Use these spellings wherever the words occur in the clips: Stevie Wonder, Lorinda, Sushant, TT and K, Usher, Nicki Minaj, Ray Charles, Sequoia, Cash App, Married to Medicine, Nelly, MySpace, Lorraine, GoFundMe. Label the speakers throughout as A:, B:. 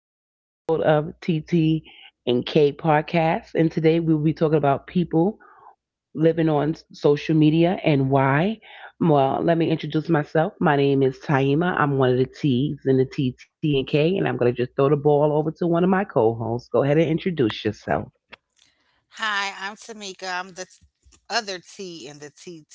A: another episode of TT and K podcast. And today we will be talking about people living on social media and why. Well, let me introduce myself. My name is Taima. I'm one of the T's in the TT and K, and I'm going to just throw the ball over to one of my co-hosts. Go ahead and introduce yourself.
B: Hi, I'm Tamika. I'm the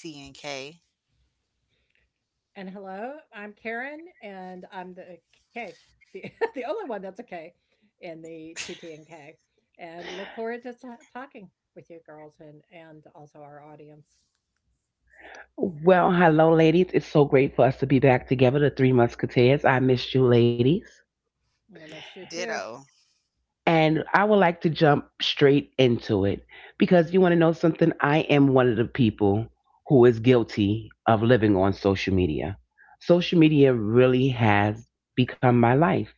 B: other T in the T T and K.
C: And hello, I'm Karen, and I'm the K, the, the only one that's a K in the TT and K. And look forward to talking with you girls and also our audience.
A: Well, hello, ladies. It's so great for us to be back together, the Three Musketeers. I missed you, ladies.
C: I miss you too.
A: And I
B: Ditto.
A: would like to jump straight into it because you want to know something? I am one of the people who is guilty of living on social media. Social media really has become my life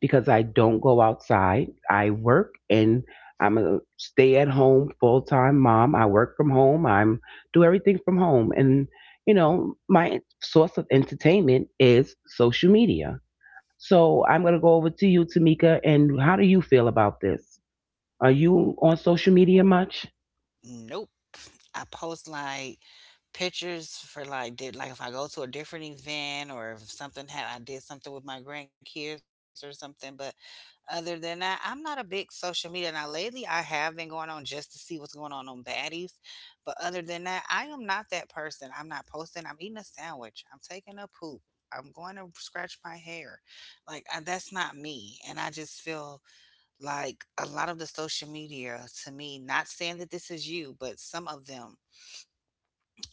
A: because I don't go outside. I work and I'm a stay at home full time mom. I work from home. I'm do everything from home. And you know, my source of entertainment is social media. So I'm going to go over to you, Tamika. And how do you feel about this? Are you on social media much?
B: Nope. I post like pictures for like did like if I go to a different event, or if something had I did something with my grandkids or something, but other than that, I'm not a big social media. Now, lately, I have been going on just to see what's going on baddies. But other than that, I am not that person. I'm not posting. I'm eating a sandwich. I'm taking a poop. I'm going to scratch my hair. Like, I, that's not me. And I just feel like a lot of the social media to me, not saying that this is you, but some of them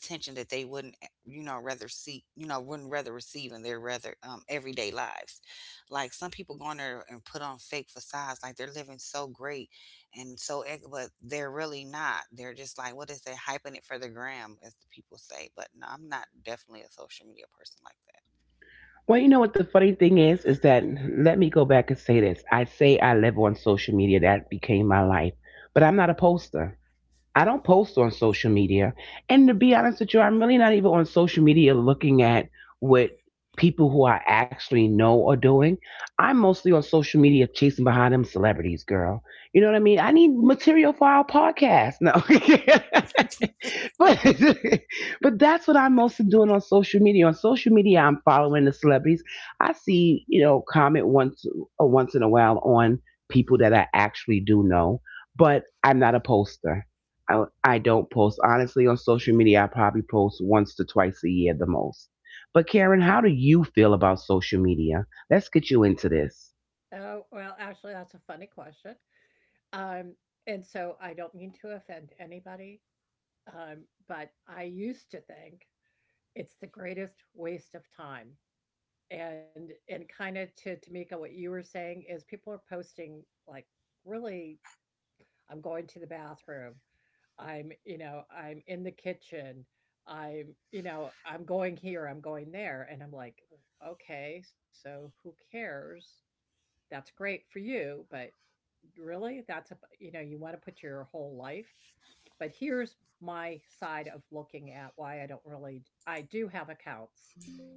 B: are on there to seek attention that they wouldn't rather seek wouldn't rather receive in their rather everyday lives, like some people go on there and put on fake facades like they're living so great, and so but they're really not. They're just like, what is they hyping it for? The gram, as the people say. But no, I'm not definitely a social media
A: Well,
B: person
A: you know
B: like
A: what the
B: that.
A: funny thing is that let me go back and say this. I say I live on social media. That became my life. But I'm not a poster. I don't post on social media. And to be honest with you, I'm really not even on social media looking at what people who I actually know are doing. I'm mostly on social media chasing behind them celebrities, girl. You know what I mean? I need material for our podcast. No. But but that's what I'm mostly doing on social media. On social media, I'm following the celebrities. I see, you know, comment once or once in a while on people that I actually do know, but I'm not a poster. I don't post honestly on social media. I probably post once to twice a year the most. But Karen, how do you feel about social media? Let's get you into this.
C: Oh, well, actually, that's a funny question. Um, and so I don't mean to offend anybody, um, but I used to think it's the greatest waste of time. And kind of to Tamika, what you were saying is people are posting like really I'm going to the bathroom. I'm, you know, I'm in the kitchen. I'm, you know, I'm going here, I'm going there. And I'm like, okay, so who cares? That's great for you, but really, that's, a, you know, you want to put your whole life but here's my side of looking at why I don't really I do have accounts,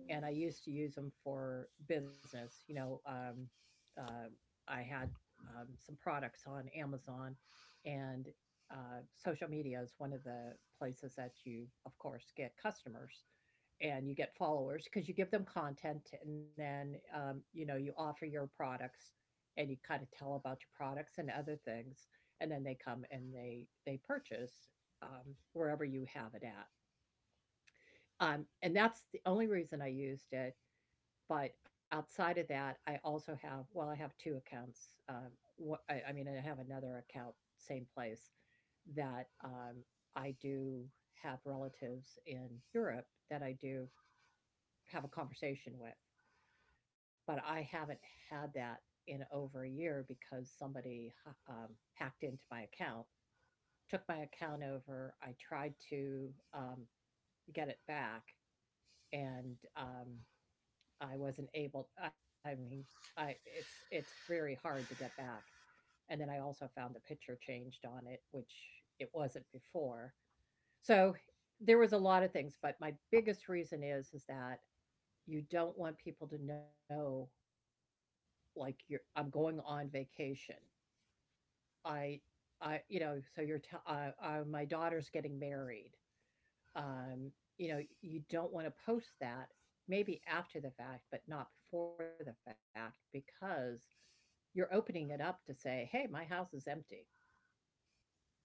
C: and I used to use them for business, you know, uh, I had some products on Amazon, and social media is one of the places that you, of course, get customers, and you get followers because you give them content, and then you know you offer your products and you kind of tell about your products and other things, and then they come and they purchase wherever you have it at. And that's the only reason I used it. But outside of that I also have, well, I have two accounts. Um, wh- I, I mean I have another account, same place, that I do have relatives in Europe that I do have a conversation with. But I haven't had that in over a year because somebody um, hacked into my account, took my account over. I tried to get it back, and I wasn't able. I mean, I it's very hard to get back. And then I also found the picture changed on it, which it wasn't before. So there was a lot of things, but my biggest reason is that you don't want people to know like you're I'm going on vacation, I, you know, so my daughter's getting married. Um, you know, you don't want to post that maybe after the fact, but not before the fact, because you're opening it up to say, hey, my house is empty.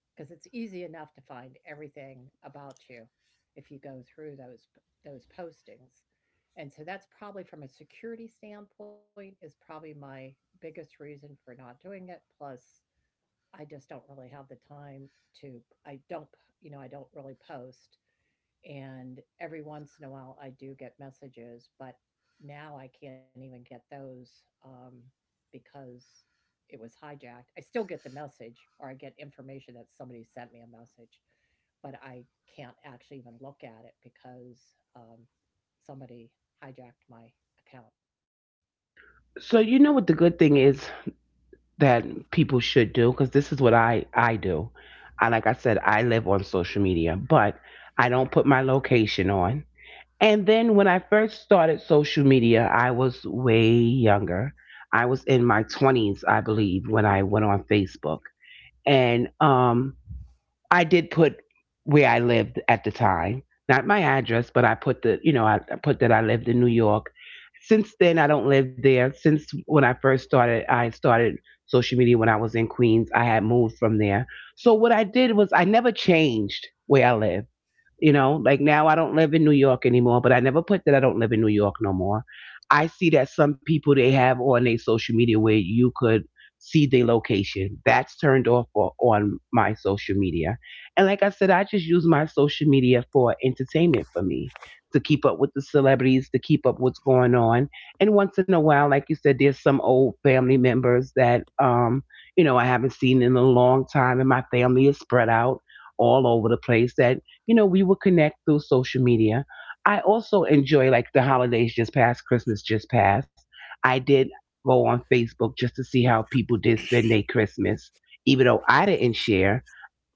C: Because it's easy enough to find everything about you if you go through those postings. And so that's probably from a security standpoint is probably my biggest reason for not doing it. Plus, I just don't really have the time to I don't, you know, I don't really post, and every once in a while I do get messages, but now I can't even get those because it was hijacked. I still get the message or I get information that somebody sent me a message, but I can't actually even look at it because um somebody hijacked my account.
A: So you know what the good thing is that people should do because this is what I do. I like I said I live on social media, but I don't put my location on. And then when I first started social media, I was way younger. I was in my 20s, I believe, when I went on Facebook. And I did put where I lived at the time, not my address, but I put the, you know, I put that I lived in New York. Since then, I don't live there. Since when I first started, I started social media when I was in Queens. I had moved from there. So what I did was I never changed where I lived. You know, like now I don't live in New York anymore, but I never put that I don't live in New York no more. I see that some people they have on their social media where you could see their location. That's turned off for, on my social media. And like I said, I just use my social media for entertainment for me to keep up with the celebrities, to keep up what's going on. And once in a while, like you said, there's some old family members that you know, I haven't seen in a long time and my family is spread out all over the place that you know, we would connect through social media. I also enjoy like the holidays just past, Christmas just past. I did go on Facebook just to see how people did spend their Christmas, even though I didn't share.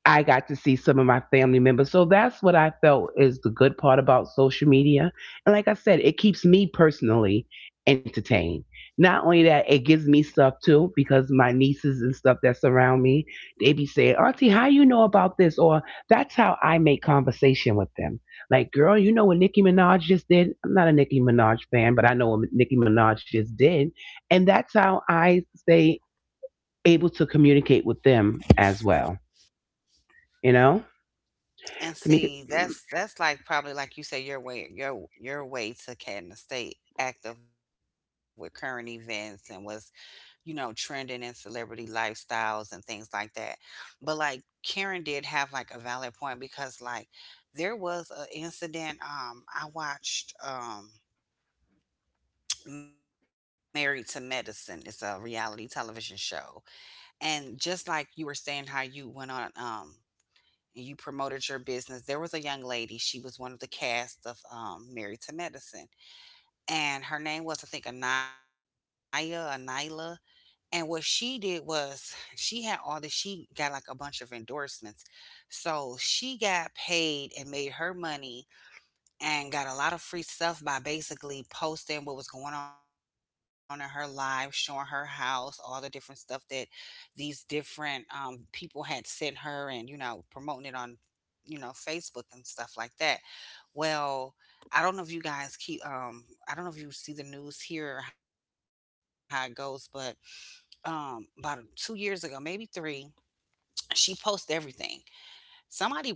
A: I got to see some of my family members. So that's what I felt is the good part about social media. And like I said, it keeps me personally entertained. Not only that, it gives me stuff too, because my nieces and stuff that surround me, they be saying, Auntie, how you know about this? Or that's how I make conversation with them. Like, girl, you know what Nicki Minaj just did? I'm not a Nicki Minaj fan, but I know what Nicki Minaj just did. And that's how I stay able to communicate with them as well. You know? Tamika,
B: And see, that's like probably like you say your way to kind of stay active with current events and what's trending and celebrity lifestyles and things like that. But like Karen did have like a valid point, because like there was an incident, I watched Married to Medicine. It's a reality television show. And just like you were saying how you went on and you promoted your business, there was a young lady, she was one of the cast of Married to Medicine. And her name was I think Anaya, Anila. And what she did was she had all this, she got like a bunch of endorsements. So she got paid and made her money, and got a lot of free stuff by basically posting what was going on in her life, showing her house, all the different stuff that these different people had sent her, and, you know, promoting it on, Facebook and stuff like that. Well, I don't know if you guys keep, I don't know if you see the news here or how it goes, but about 2 years ago, maybe three. She posted everything.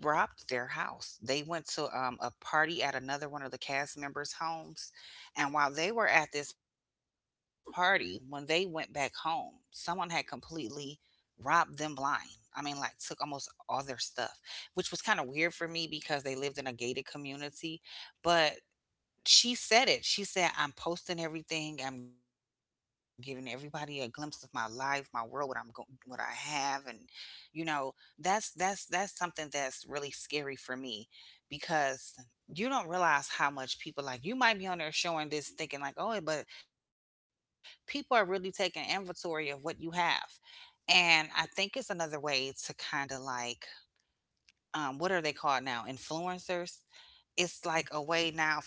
B: Somebody robbed their house. They went to a party at another one of the cast members' homes, and while they were at this party, when they went back home, someone had completely robbed them blind. I mean, like took almost all their stuff, which was kind of weird for me because they lived in a gated community. But she said it. She said, "I'm posting everything. I'm giving everybody a glimpse of my life, my world, what I'm going, what I have, and you know, that's something that's really scary for me, because you don't realize how much people like you might be on there showing this, thinking like, oh, but people are really taking inventory of what you have. And I think it's another way to kind of like, what are they called now, influencers?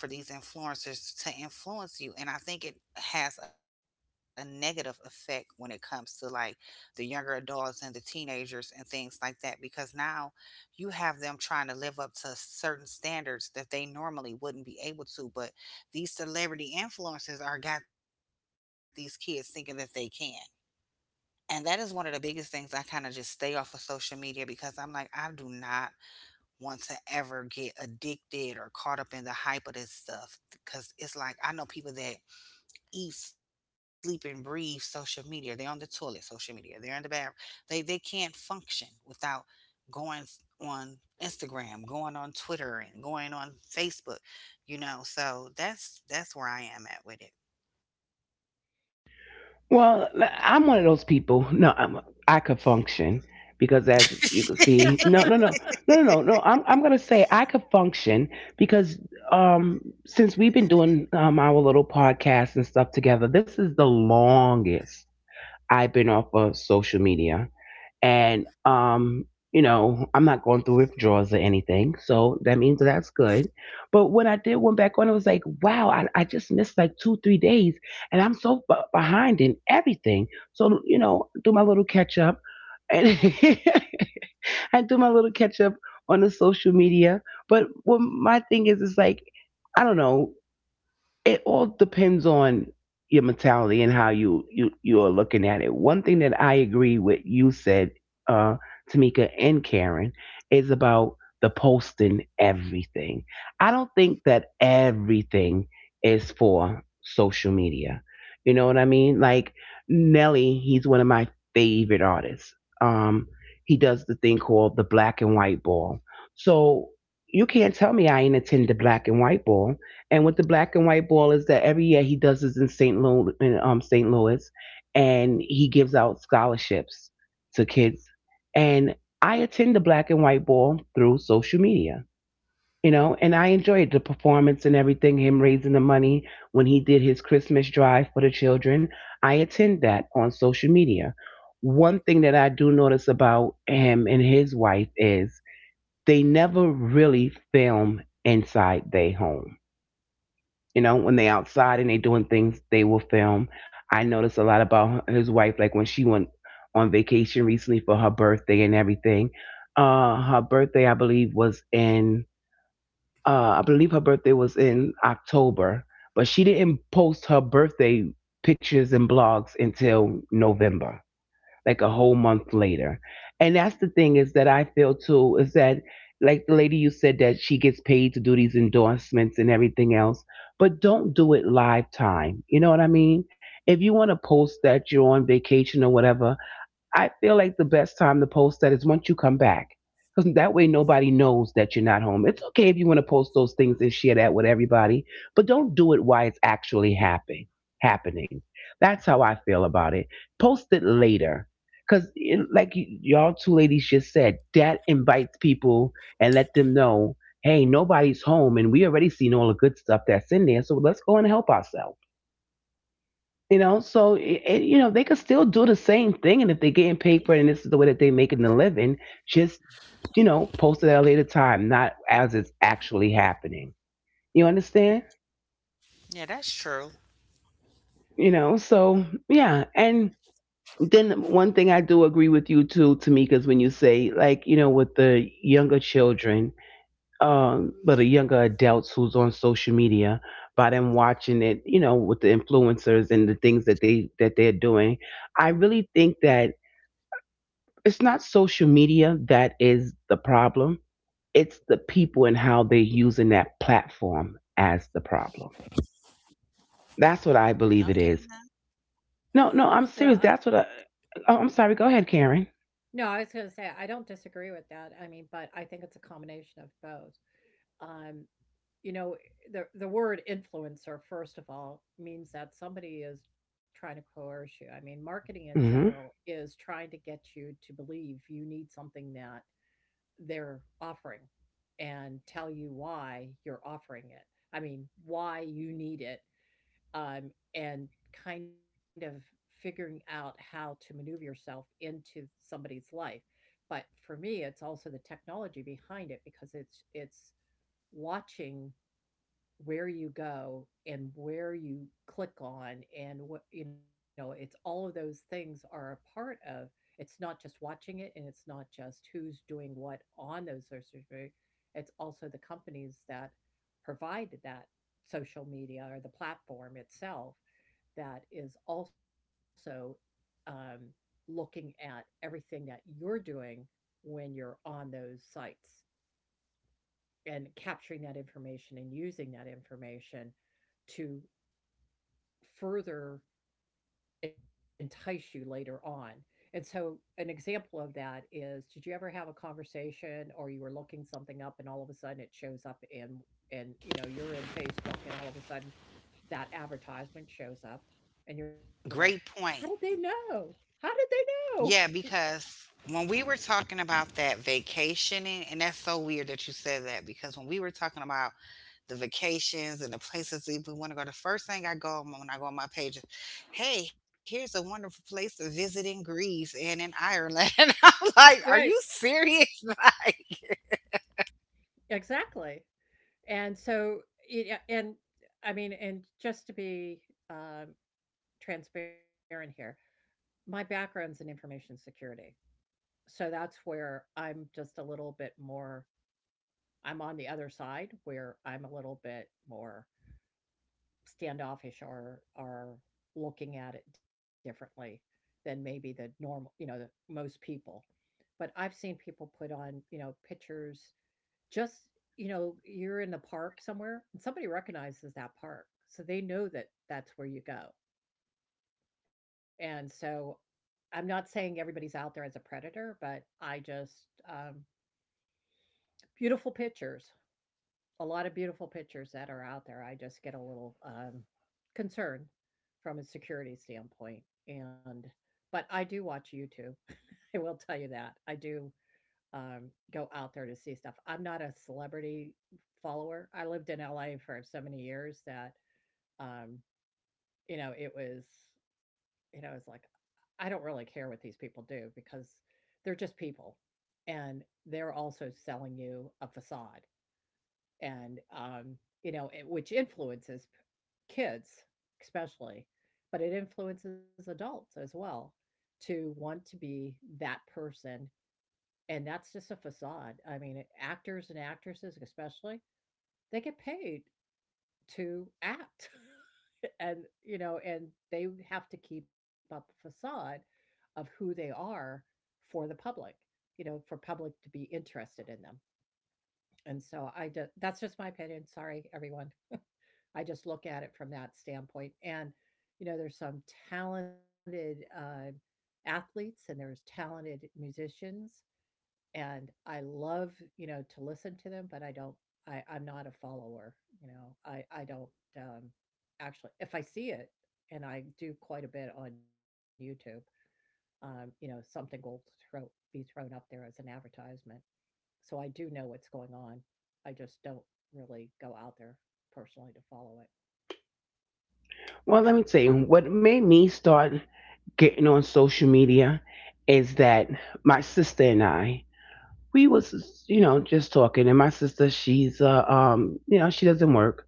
B: It's like a way now for these influencers to influence you. And I think it has a negative effect when it comes to like the younger adults and the teenagers and things like that, because now you have them trying to live up to certain standards that they normally wouldn't be able to, but these celebrity influencers are got these kids thinking that they can. And that is one of the biggest things. I kind of just stay off of social media because I'm like, I do not want to ever get addicted or caught up in the hype of this stuff, because it's like I know people that eat, sleep, and breathe social media. They're on the toilet, social media. They're in the bathroom. They can't function without going on Instagram, going on Twitter, and going on Facebook. You know, so that's where I am at with it.
A: well, I'm one of those people. No, I could function because, as you can see, no, no, no, no, no, no, no. I'm gonna say I could function because um, since we've been doing our little podcast and stuff together, this is the longest I've been off of social media and you know I'm not going through withdrawals or anything, so that means that's good. But when I did went back on it was like, wow, I just missed like two, three days and I'm so behind in everything, so you know, do my little catch up and I do my little catch up on the social media. But what my thing is like I don't know, it all depends on your mentality and how you are looking at it. One thing that I agree with you said, uh, Tamika and Karen, is about the posting everything. I don't think that everything is for social media. You know what I mean? Like Nelly, he's one of my favorite artists. Um, he does the thing called the black and white ball. So you can't tell me I ain't attend the black and white ball. And with the black and white ball is that every year he does this in St. Louis, in St. Louis, and he gives out scholarships to kids. And I attend the black and white ball through social media, you know, and I enjoyed the performance and everything. Him raising the money when he did his Christmas drive for the children. I attend that on social media. One thing that I do notice about him and his wife is they never really film inside their home. You know, when they outside and they doing things, they will film. I noticed a lot about his wife, like when she went on vacation recently for her birthday and everything. Her birthday I believe was in I believe her birthday was in October, but she didn't post her birthday pictures and blogs until November, like a whole month later. And that's the thing is that I feel too is that like the lady you said that she gets paid to do these endorsements and everything else, but don't do it live time. You know what I mean? If you want to post that you're on vacation or whatever, I feel like the best time to post that is once you come back. Because that way nobody knows that you're not home. It's okay if you want to post those things and share that with everybody, but don't do it while it's actually happening. That's how I feel about it. Post it later. Because, like y'all two ladies just said, that invites people and let them know, hey, nobody's home and we already seen all the good stuff that's in there, so let's go and help ourselves. You know, so you know, they could still do the same thing, and if they're getting paid for it, and this is the way that they're making a living, just you know, post it at a later time, not as it's actually happening. You understand?
B: Yeah, that's true.
A: You know, so yeah, and then one thing I do agree with you too, Tamika, is when you say like you know with the younger children, but the younger adults who's on social media, by them watching it, you know, with the influencers and the things that they're doing, I really think that it's not social media that is the problem. It's the people and how they're using that platform as the problem. That's what I believe it is.
B: Okay,
A: No, no,
C: Well,
A: I'm serious. That's what I. Oh, I'm sorry. Go ahead, Karen.
C: no, I was gonna say, I don't disagree with that. I mean, but I think it's a combination of both. Um, you know, the word influencer, first of all, means that somebody is trying to coerce you. I mean, marketing in general
A: Hmm.
C: is trying to get you to believe you need something that they're offering and tell you why you're offering it. I mean, why you need it, and kind of figuring out how to maneuver yourself into somebody's life. But for me, it's also the technology behind it because it's watching where you go and where you click on and what you know it's all of those things are a part of it's not just watching it, and it's not just who's doing what on those social media, it's also the companies that provide that social media or the platform itself that is also um, looking at everything that you're doing when you're on those sites and capturing that information and using that information to further entice you later on. And so, an example of that is did you ever have a conversation or you were looking something up and all of a sudden it shows up in, and you know, you're in Facebook and all of a sudden that advertisement shows up and you're like, how did they
B: great
C: know?
B: point.
C: How did they know?
B: Yeah, because when we were talking about that vacationing, and that's so weird that you said that, because when we were talking about the vacations and the places we want to go, the first thing I go on when I go on my page is, hey, here's a wonderful place to visit in Greece and in Ireland. I'm
C: Right,
B: like, are you serious? Like,
C: exactly. And so, it, and I mean, and just to be um, transparent here, my background's in information security, so that's where I'm just a little bit more I'm on the other side where I'm a little bit more standoffish or are looking at it differently than maybe the normal you know, the most people. But I've seen people put on, you know, pictures just you know, you're in the park somewhere, and somebody recognizes that park, so they know that that's where you go. And so I'm not saying everybody's out there as a predator, but I just um, beautiful pictures, a lot of beautiful pictures that are out there. I just get a little concerned from a security standpoint, and but I do watch YouTube. I will tell you that I do go out there to see stuff. I'm not a celebrity follower. I lived in LA for so many years that um, you know it was you know, it's like, I don't really care what these people do because they're just people, and they're also selling you a facade. And, you know, it, which influences kids, especially, but it influences adults as well to want to be that person. And that's just a facade. I mean, actors and actresses, especially, they get paid to act. And you know and they have to keep up a facade of who they are for the public, you know, for public to be interested in them, and so I do, that's just my opinion, sorry everyone. I just look at it from that standpoint, and you know there's some talented athletes and there's talented musicians, and I love, you know, to listen to them, but I don't I'm not a follower, you know. I don't um actually if I see it, and I do quite a bit on YouTube, you know, something will throw be thrown up there as an advertisement. So I do know what's going on. I just don't really go out there personally to follow it.
A: Well, let me tell you what made me start getting on social media is that my sister and I we was you know just talking, and my sister she's you know she doesn't work,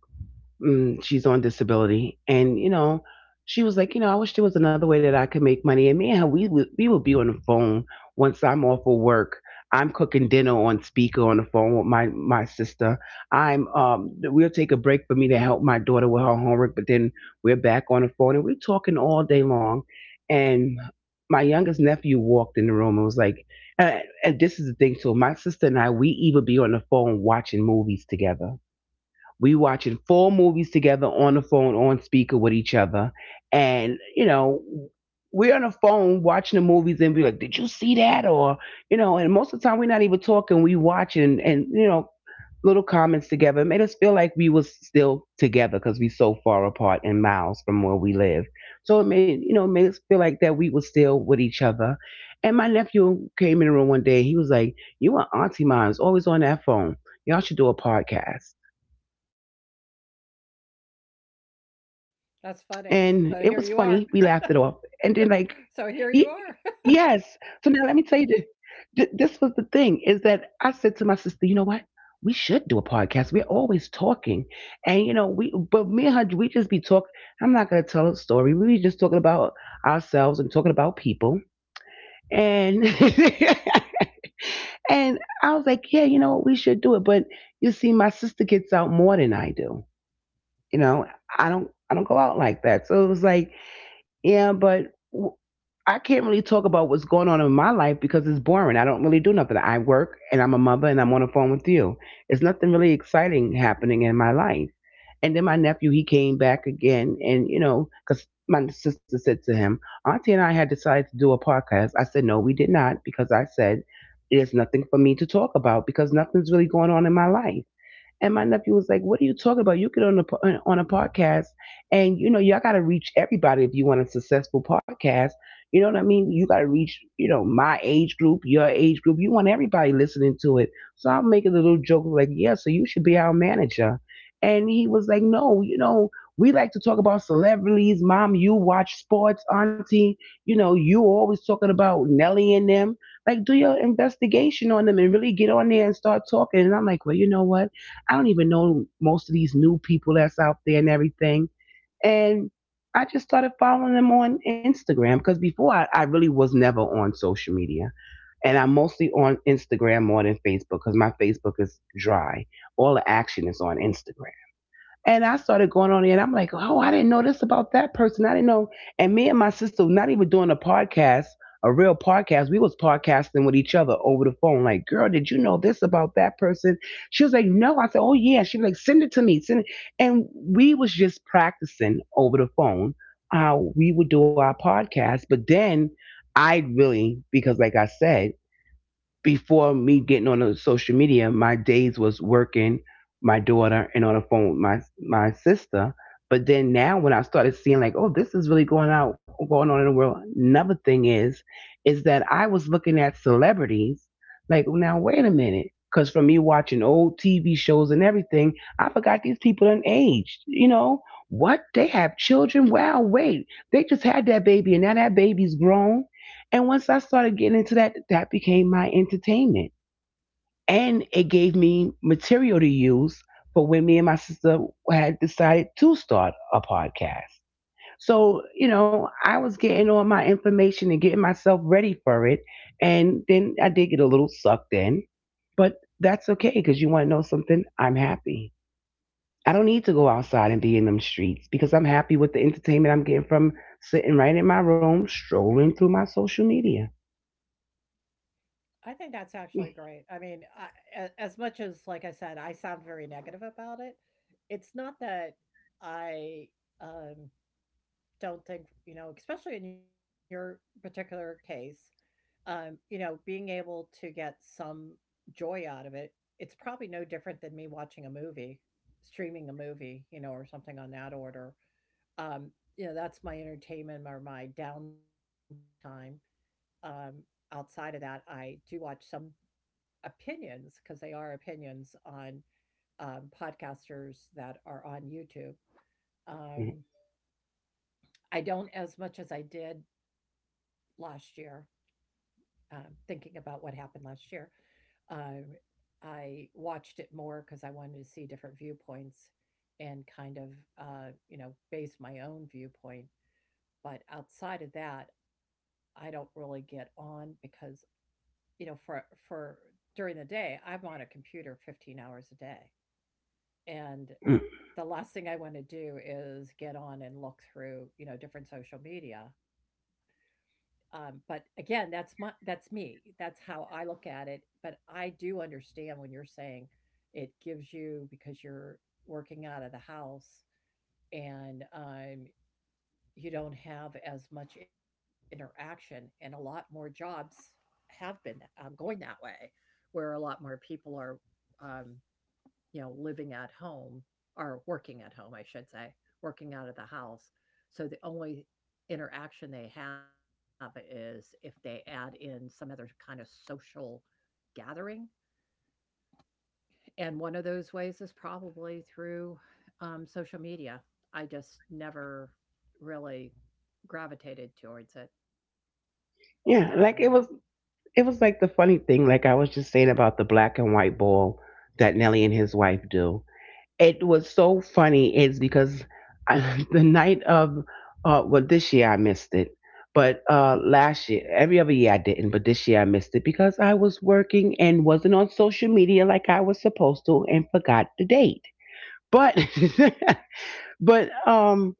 A: mm, she's on disability, and you know, she was like, you know, I wish there was another way that I could make money. And me and her, we would be on the phone once I'm off of work. I'm cooking dinner on speaker on the phone with my sister. I'm we'll take a break for me to help my daughter with her homework, but then we're back on the phone and we're talking all day long. And my youngest nephew walked in the room and was like, and this is the thing too. My sister and I, we even be on the phone watching movies together. We watching four movies together on the phone, on speaker with each other, and we're on the phone watching the movies and be like, "Did you see that?" Or and most of the time we're not even talking. We watching and little comments together. It made us feel like we was still together because we so far apart and miles from where we live. So it made it made us feel like that we were still with each other. And my nephew came in the room one day. He was like, "You and Auntie Mom is always on that phone. Y'all should do a podcast." And it was funny. We laughed it off, and
C: That's
A: then like,
C: funny. So here you
A: y-
C: are.
A: yes.
C: So
A: So
C: here
A: now
C: you
A: let me
C: are.
A: tell you, this, this was the thing is that I said to my sister, you know what? We should do a podcast. We're always talking, and we but me and her, we just be talking. I'm not gonna tell a story. We just talking about ourselves and talking about people, and and I was like, yeah, you know what? We should do it. But you see, my sister gets out more than I do. You know, I don't go out like that, so it was like, yeah, but I can't really talk about what's going on in my life because it's boring. I don't really do nothing. I work and I'm a mother and I'm on the phone with you. It's nothing really exciting happening in my life. And then my nephew, he came back again, and you know, because my sister said to him, Auntie and I had decided to do a podcast. I said, no, we did not, because I said, there's nothing for me to talk about because nothing's really going on in my life. And my nephew was like, "What are you talking about? You get on a podcast, and y'all got to reach everybody if you want a successful podcast. You know what I mean? You got to reach, my age group, your age group. You want everybody listening to it." So I'm making a little joke like, "Yeah, so you should be our manager." And he was like, "No, you know, we like to talk about celebrities. Mom, you watch sports. Auntie, you always talking about Nelly and them. Like, do your investigation on them and really get on there and start talking." And I'm like, well, you know what? I don't even know most of these new people that's out there and everything. And I just started following them on Instagram, because before I really was never on social media. And I'm mostly on Instagram more than Facebook because my Facebook is dry. All the action is on Instagram. And I started going on there and I'm like, oh, I didn't know this about that person. I didn't know. And me and my sister were not even doing a podcast, a real podcast. We was podcasting with each other over the phone. Like, girl, did you know this about that person? She was like, no. I said, oh yeah. She was like, send it to me. Send it. And we was just practicing over the phone how we would do our podcast. But then I really, because like I said, before me getting on the social media, my days was working, my daughter, and on the phone with my my sister. But then now when I started seeing like, oh, this is really going out going on in the world. Another thing is that I was looking at celebrities like, now wait a minute. Cause from me watching old TV shows and everything, I forgot these people done aged. You know what? They have children. Wow, wait, they just had that baby, and now that baby's grown. And once I started getting into that, that became my entertainment. And it gave me material to use for when me and my sister had decided to start a podcast. So, you know, I was getting all my information and getting myself ready for it. And then I did get a little sucked in, but that's okay because you want to know something? I'm happy. I don't need to go outside and be in them streets because I'm happy with the entertainment I'm getting from sitting right in my room, strolling through my social media.
C: I think that's actually great. I mean, I, as much as, like I said, I sound very negative about it, it's not that I um, don't think, you know, especially in your particular case, you know, being able to get some joy out of it, it's probably no different than me watching a movie, streaming a movie, you know, or something on that order. Um, you know, that's my entertainment or my downtime. Um, Outside of that, I do watch some opinions because they are opinions on podcasters that are on YouTube. Um, I don't as much as I did last year, um, thinking about what happened last year. Um, I watched it more because I wanted to see different viewpoints and kind of, you know, base my own viewpoint. But outside of that, I don't really get on because, you know, for during the day, I'm on a computer 15 hours a day. And
A: Mm.
C: the last thing I want to do is get on and look through, you know, different social media. But again, that's my that's me. That's how I look at it. But I do understand when you're saying it gives you because you're working out of the house, and you don't have as much interaction, and a lot more jobs have been going that way, where a lot more people are um, you know, living at home or working at home, I should say, working out of the house. So the only interaction they have is if they add in some other kind of social gathering. And one of those ways is probably through social media. I just never really gravitated towards it. Um,
A: Yeah, like it was like the funny thing, like I was just saying about the black and white ball that Nelly and his wife do. It was so funny is because I, the night of well, this year I missed it. But uh, last year, every other year I didn't, but this year I missed it because I was working and wasn't on social media like I was supposed to and forgot the date. But but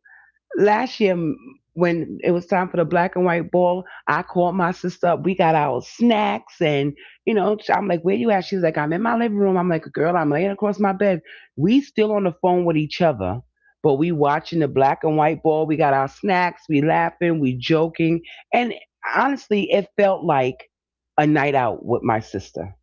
A: last year when it was time for the black and white ball, I called my sister up. We got our snacks and I'm like, where you at? She's like, I'm in my living room. I'm like, girl, I'm laying across my bed. We still on the phone with each other, but we watching the black and white ball. We got our snacks, we laughing, we joking. And honestly, it felt like a night out with my sister.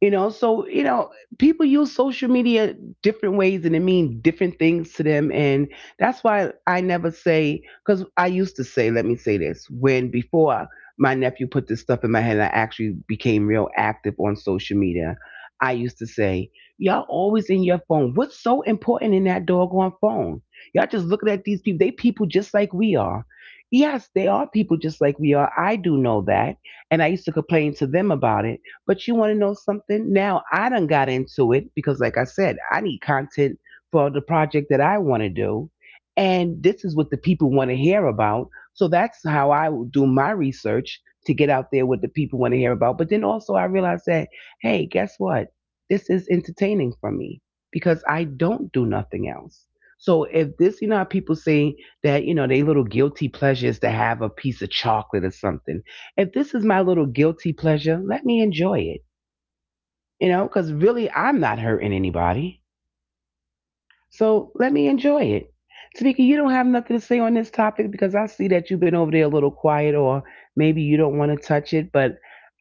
A: You know, so you know, people use social media different ways and it mean different things to them. And that's why I never say, because I used to say, let me say this, when before my nephew put this stuff in my head and I actually became real active on social media, I used to say, y'all always in your phone. What's so important in that doggone phone? Y'all just looking at these people, they people just like we are. Yes, they are people just like we are. I do know that. And I used to complain to them about it. But you want to know something? Now I done got into it because, like I said, I need content for the project that I want to do. And this is what the people want to hear about. So that's how I will do my research, to get out there what the people want to hear about. But then also I realized that, hey, guess what? This is entertaining for me because I don't do nothing else. So if this, how people say that, they little guilty pleasures to have a piece of chocolate or something, if this is my little guilty pleasure, let me enjoy it, because really I'm not hurting anybody. So let me enjoy it. Tamika, you don't have nothing to say on this topic because I see that you've been over there a little quiet, or maybe you don't want to touch it. But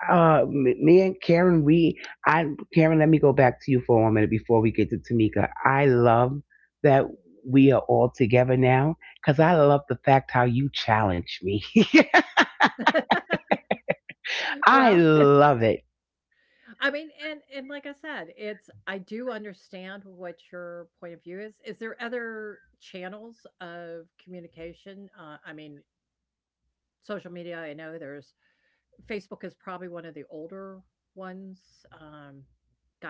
A: me and Karen, we, I, Karen, let me go back to you for one minute before we get to Tamika. I love that we are all together now because I love the fact how you challenge me.
C: well,
A: I love it.
C: I mean, and like I said, it's I do understand what your point of view is. Is there other channels of communication? I mean, social media. I know there's Facebook is probably one of the older ones. Um,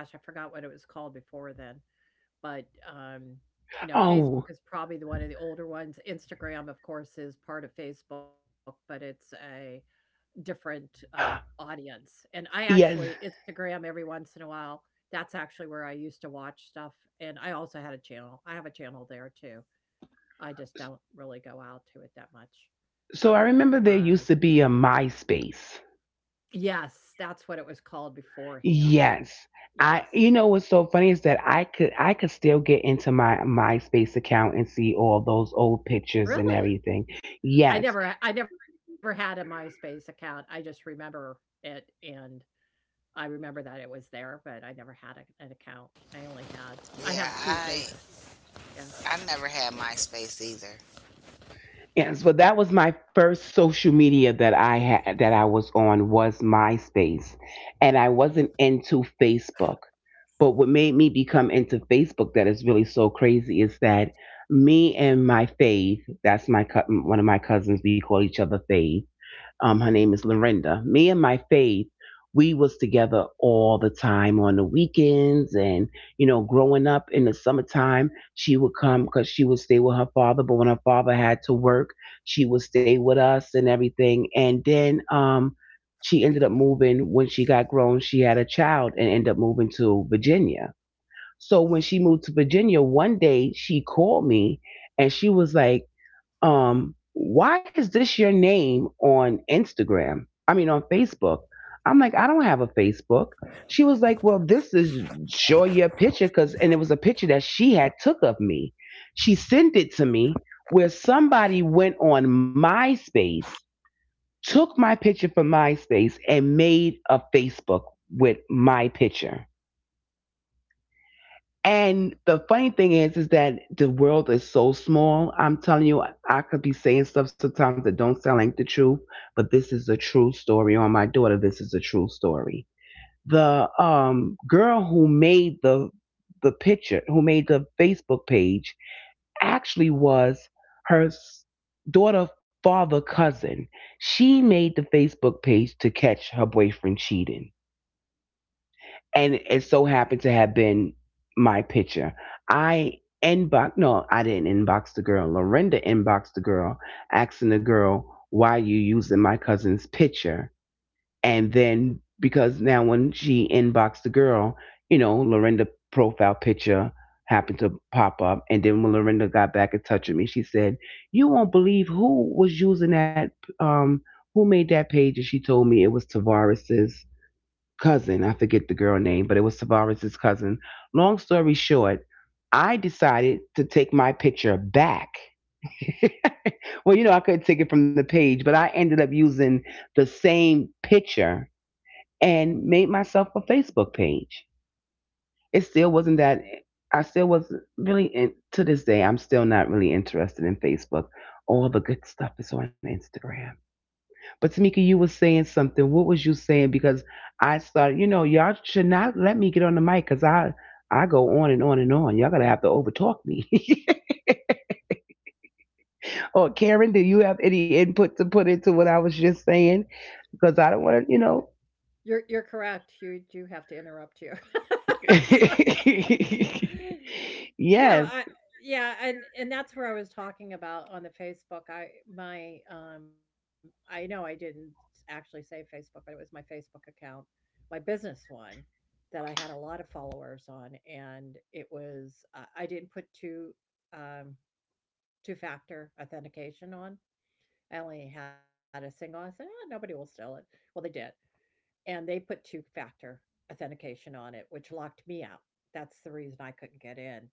C: Gosh, I forgot what it was called before then, but um, you know, Facebook
A: Oh,
C: is probably the one of the older ones. Instagram, of course, is part of Facebook, but it's a different, audience, and I actually
A: yes.
C: Instagram every once in a while. That's actually where I used to watch stuff, and I also had a channel. I have a channel there too. I just don't really go out to it that much.
A: So I
C: Um
A: remember there used to be a MySpace.
C: Yes, that's what it was called beforehand.
A: Yes. I
C: Yes.
A: you know what's so funny is that I could still get into my MySpace account and see all those old pictures and
C: Really?
A: everything.
C: I
A: Yes.
C: never I never had a MySpace account. I just remember it, and I remember that it was there, but I never had a an account. I only had I have 2 Face
B: yeah, I
C: yeah.
B: I never had MySpace either.
A: Yes, but that was my first social media that I had, that I was on, was MySpace. And I wasn't into Facebook. But what made me become into Facebook, that is really so crazy, is that me and my Fave, that's my one of my cousins, we call each other Fave, her name is Lorinda. Me and my faith, we was together all the time on the weekends, and growing up in the summertime, she would come because she would stay with her father. But when her father had to work, she would stay with us and everything. And then she ended up moving when she got grown. She had a child and ended up moving to Virginia. So when she moved to Virginia, one day she called me, and she was like, why is this your name on Instagram? I mean, on Facebook. I'm like, I don't have a Facebook. She was like, well, this is sure your picture, because, and it was a picture that she had took of me. She sent it to me, where somebody went on MySpace, took my picture from MySpace and made a Facebook with my picture. And the funny thing is that the world is so small. I'm telling you, I could be saying stuff sometimes that don't sound like the truth, but this is a true story. On my daughter, this is a true story. The girl who made the picture, who made the Facebook page, actually was her s- daughter father cousin. She made the Facebook page to catch her boyfriend cheating, and it so happened to have been my picture. I inbox no, I didn't inbox the girl. Lorinda inboxed the girl, asking the girl why you using my cousin's picture. And then because now when she inboxed the girl, you know, Lorinda profile picture happened to pop up. And then when Lorinda got back in touch with me, she said, "You won't believe who was using that. Um, who made that page?" And she told me it was Tavares's cousin. I forget the girl name, but it was Tavares's cousin. Long story short, I decided to take my picture back. Well, you know, I couldn't take it from the page, but I ended up using the same picture and made myself a Facebook page. It still wasn't that. I still was not really in, to this day. I'm still not really interested in Facebook. All the good stuff is on Instagram. But Tamika, you were saying something. What was you saying? Because I started, you know, y'all should not let me get on the mic because I go on and on and on. Y'all gonna have to overtalk me. Or Karen, do you have any input to put into what I was just saying? Because I don't want to, you know.
C: You're correct. You do have to interrupt you. So no,
A: Yes.
C: I yeah, and that's where I was talking about on the Facebook. I my I know I didn't actually say Facebook, but it was my Facebook account, my business one that I had a lot of followers on. And it was I didn't put two um two factor authentication on. I only had a single. I said, "Oh, nobody will steal it." Well, they did, and they put two-factor authentication on it, which locked me out. That's the reason I couldn't get in.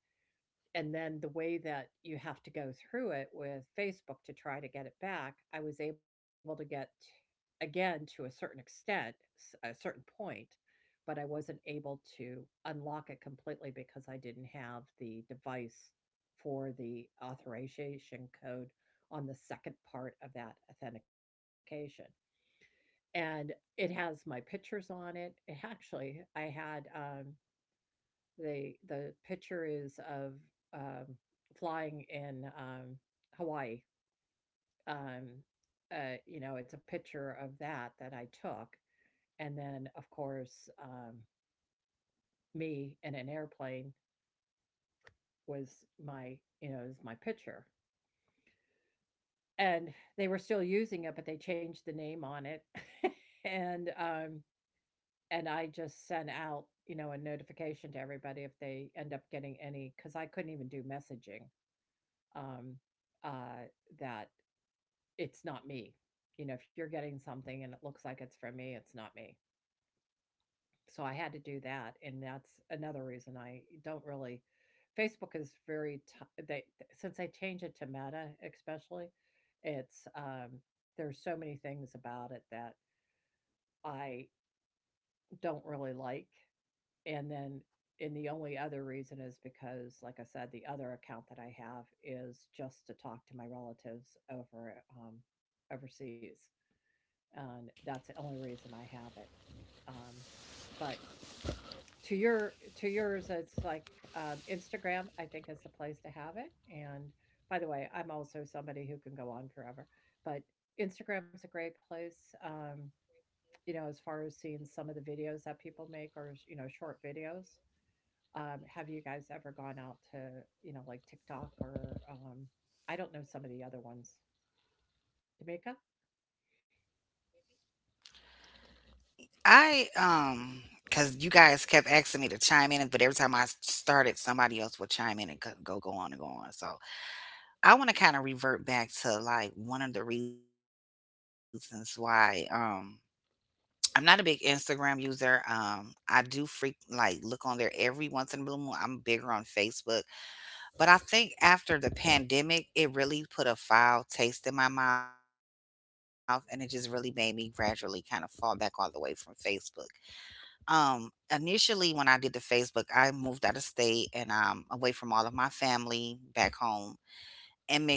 C: And then the way that you have to go through it with Facebook to try to get it back, I was able to get again to a certain extent, a certain point, but I wasn't able to unlock it completely because I didn't have the device for the authorization code on the second part of that authentication, and it has my pictures on it. It. Actually, I had, the picture is of, um, flying in, Hawaii. Um, you know, it's a picture of that that I took, and then, of course, me in an airplane was my is my picture, and they were still using it, but they changed the name on it, and, um, And I just sent out, you know, a notification to everybody if they end up getting any, because I couldn't even do messaging, um, uh, that it's not me. You know, if you're getting something and it looks like it's from me, it's not me. So I had to do that. And that's another reason I don't really, Facebook is since they changed it to Meta, especially, it's, um, there's so many things about it that I don't really like. And then and the only other reason is because, like I said, the other account that I have is just to talk to my relatives over overseas, and that's the only reason I have it. Um, but to your to yours, it's like Instagram, I think, is the place to have it. And by the way, I'm also somebody who can go on forever, but Instagram's a great place. You know, as far as seeing some of the videos that people make, or you know, short videos. Have you guys ever gone out to, you know, like TikTok, or I don't know, some of the other ones. Jamaica?
B: I because you guys kept asking me to chime in, but every time I started, somebody else will chime in and go on and go on. So I want to kind of revert back to like one of the reasons why I'm not a big Instagram user. I do freak like look on there every once in a blue moon. I'm bigger on Facebook, but I think after the pandemic, it really put a foul taste in my mouth, and it just really made me gradually kind of fall back all the way from Facebook um, Initially when I did the Facebook, I moved out of state and away from all of my family back home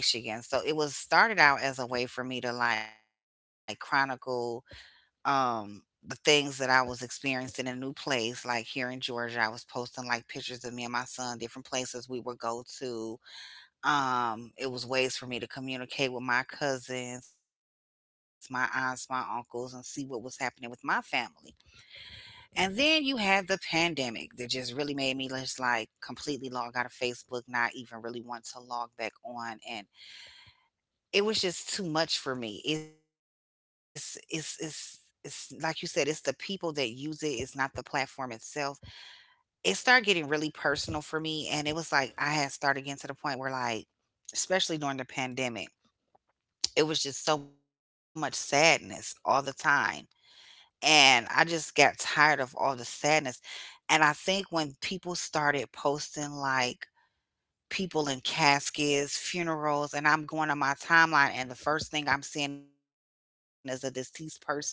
B: in Michigan. So it was started out as a way for me to like chronicle um the things that I was experiencing in a new place. Like here in Georgia, I was posting like pictures of me and my son, different places we would go to. It was ways for me to communicate with my cousins, my aunts, my uncles, and see what was happening with my family. And then you had the pandemic that just really made me just like completely log out of Facebook, not even really want to log back on. And it was just too much for me. It's like you said, it's the people that use it, it's not the platform itself. It started getting really personal for me. And it was like I had started getting to the point where like, especially during the pandemic, it was just so much sadness all the time. And I just got tired of all the sadness. And I think when people started posting, like, people in caskets, funerals, and I'm going on my timeline, and the first thing I'm seeing is a deceased person laying in a casket,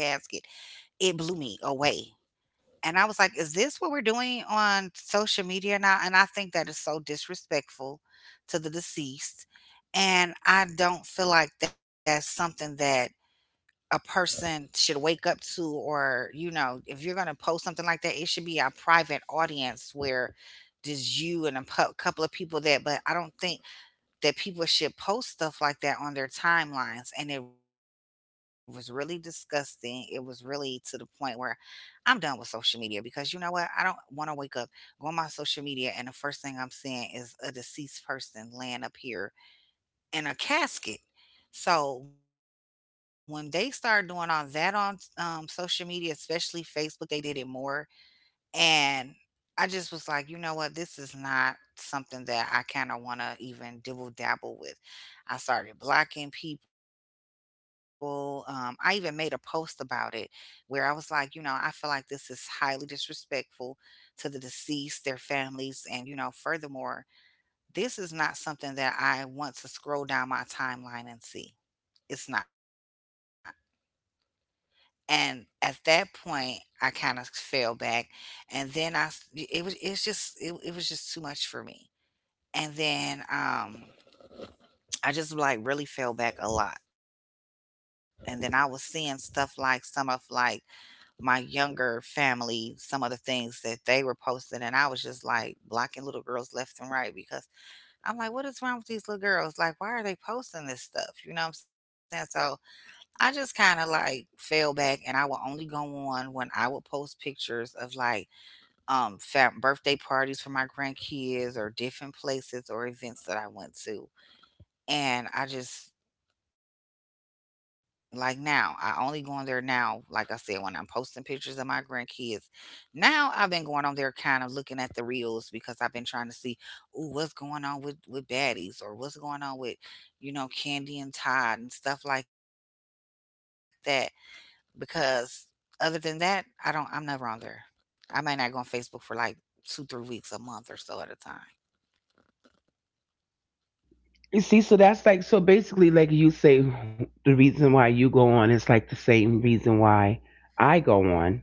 B: it blew me away. And I was like, "Is this what we're doing on social media now?" And I think that is so disrespectful to the deceased, and I don't feel like that's something that a person should wake up to. Or, you know, if you're going to post something like that, it should be a private audience, where just you and a couple of people that, but I don't think that people should post stuff like that on their timelines, and it was really disgusting. It was really to the point where I'm done with social media, because you know what, I don't want to wake up, go on my social media, and the first thing I'm seeing is a deceased person laying up here in a casket. So when they started doing all that on social media, especially Facebook, they did it more. And I just was like, you know what? This is not something that I kind of want to even dibble dabble with. I started blocking people. I even made a post about it, where I was like, you know, I feel like this is highly disrespectful to the deceased, their families, and, you know, furthermore, this is not something that I want to scroll down my timeline and see. It's not. And at that point, I kinda fell back, and then I s it was, it's just, it was just too much for me. And then, I just, like, really fell back a lot. And then I was seeing stuff like some of, like, my younger family, some of the things that they were posting, and I was just, like, blocking little girls left and right, because I'm like, "What is wrong with these little girls? Like, why are they posting this stuff?" You know what I'm saying? So I just kind of like fell back, and I will only go on when I would post pictures of like birthday parties for my grandkids or different places or events that I went to. And I just like now, I only go on there now, like I said, when I'm posting pictures of my grandkids. Now I've been going on there kind of looking at the reels, because I've been trying to see, ooh, what's going on with baddies or what's going on with, you know, Candy and Todd and stuff like that, because other than that, I don't. I'm never on there. I may not go on Facebook for like two, 3 weeks, a month or so at a time.
A: You see, so that's like, so basically like you say, the reason why you go on is like the same reason why I go on,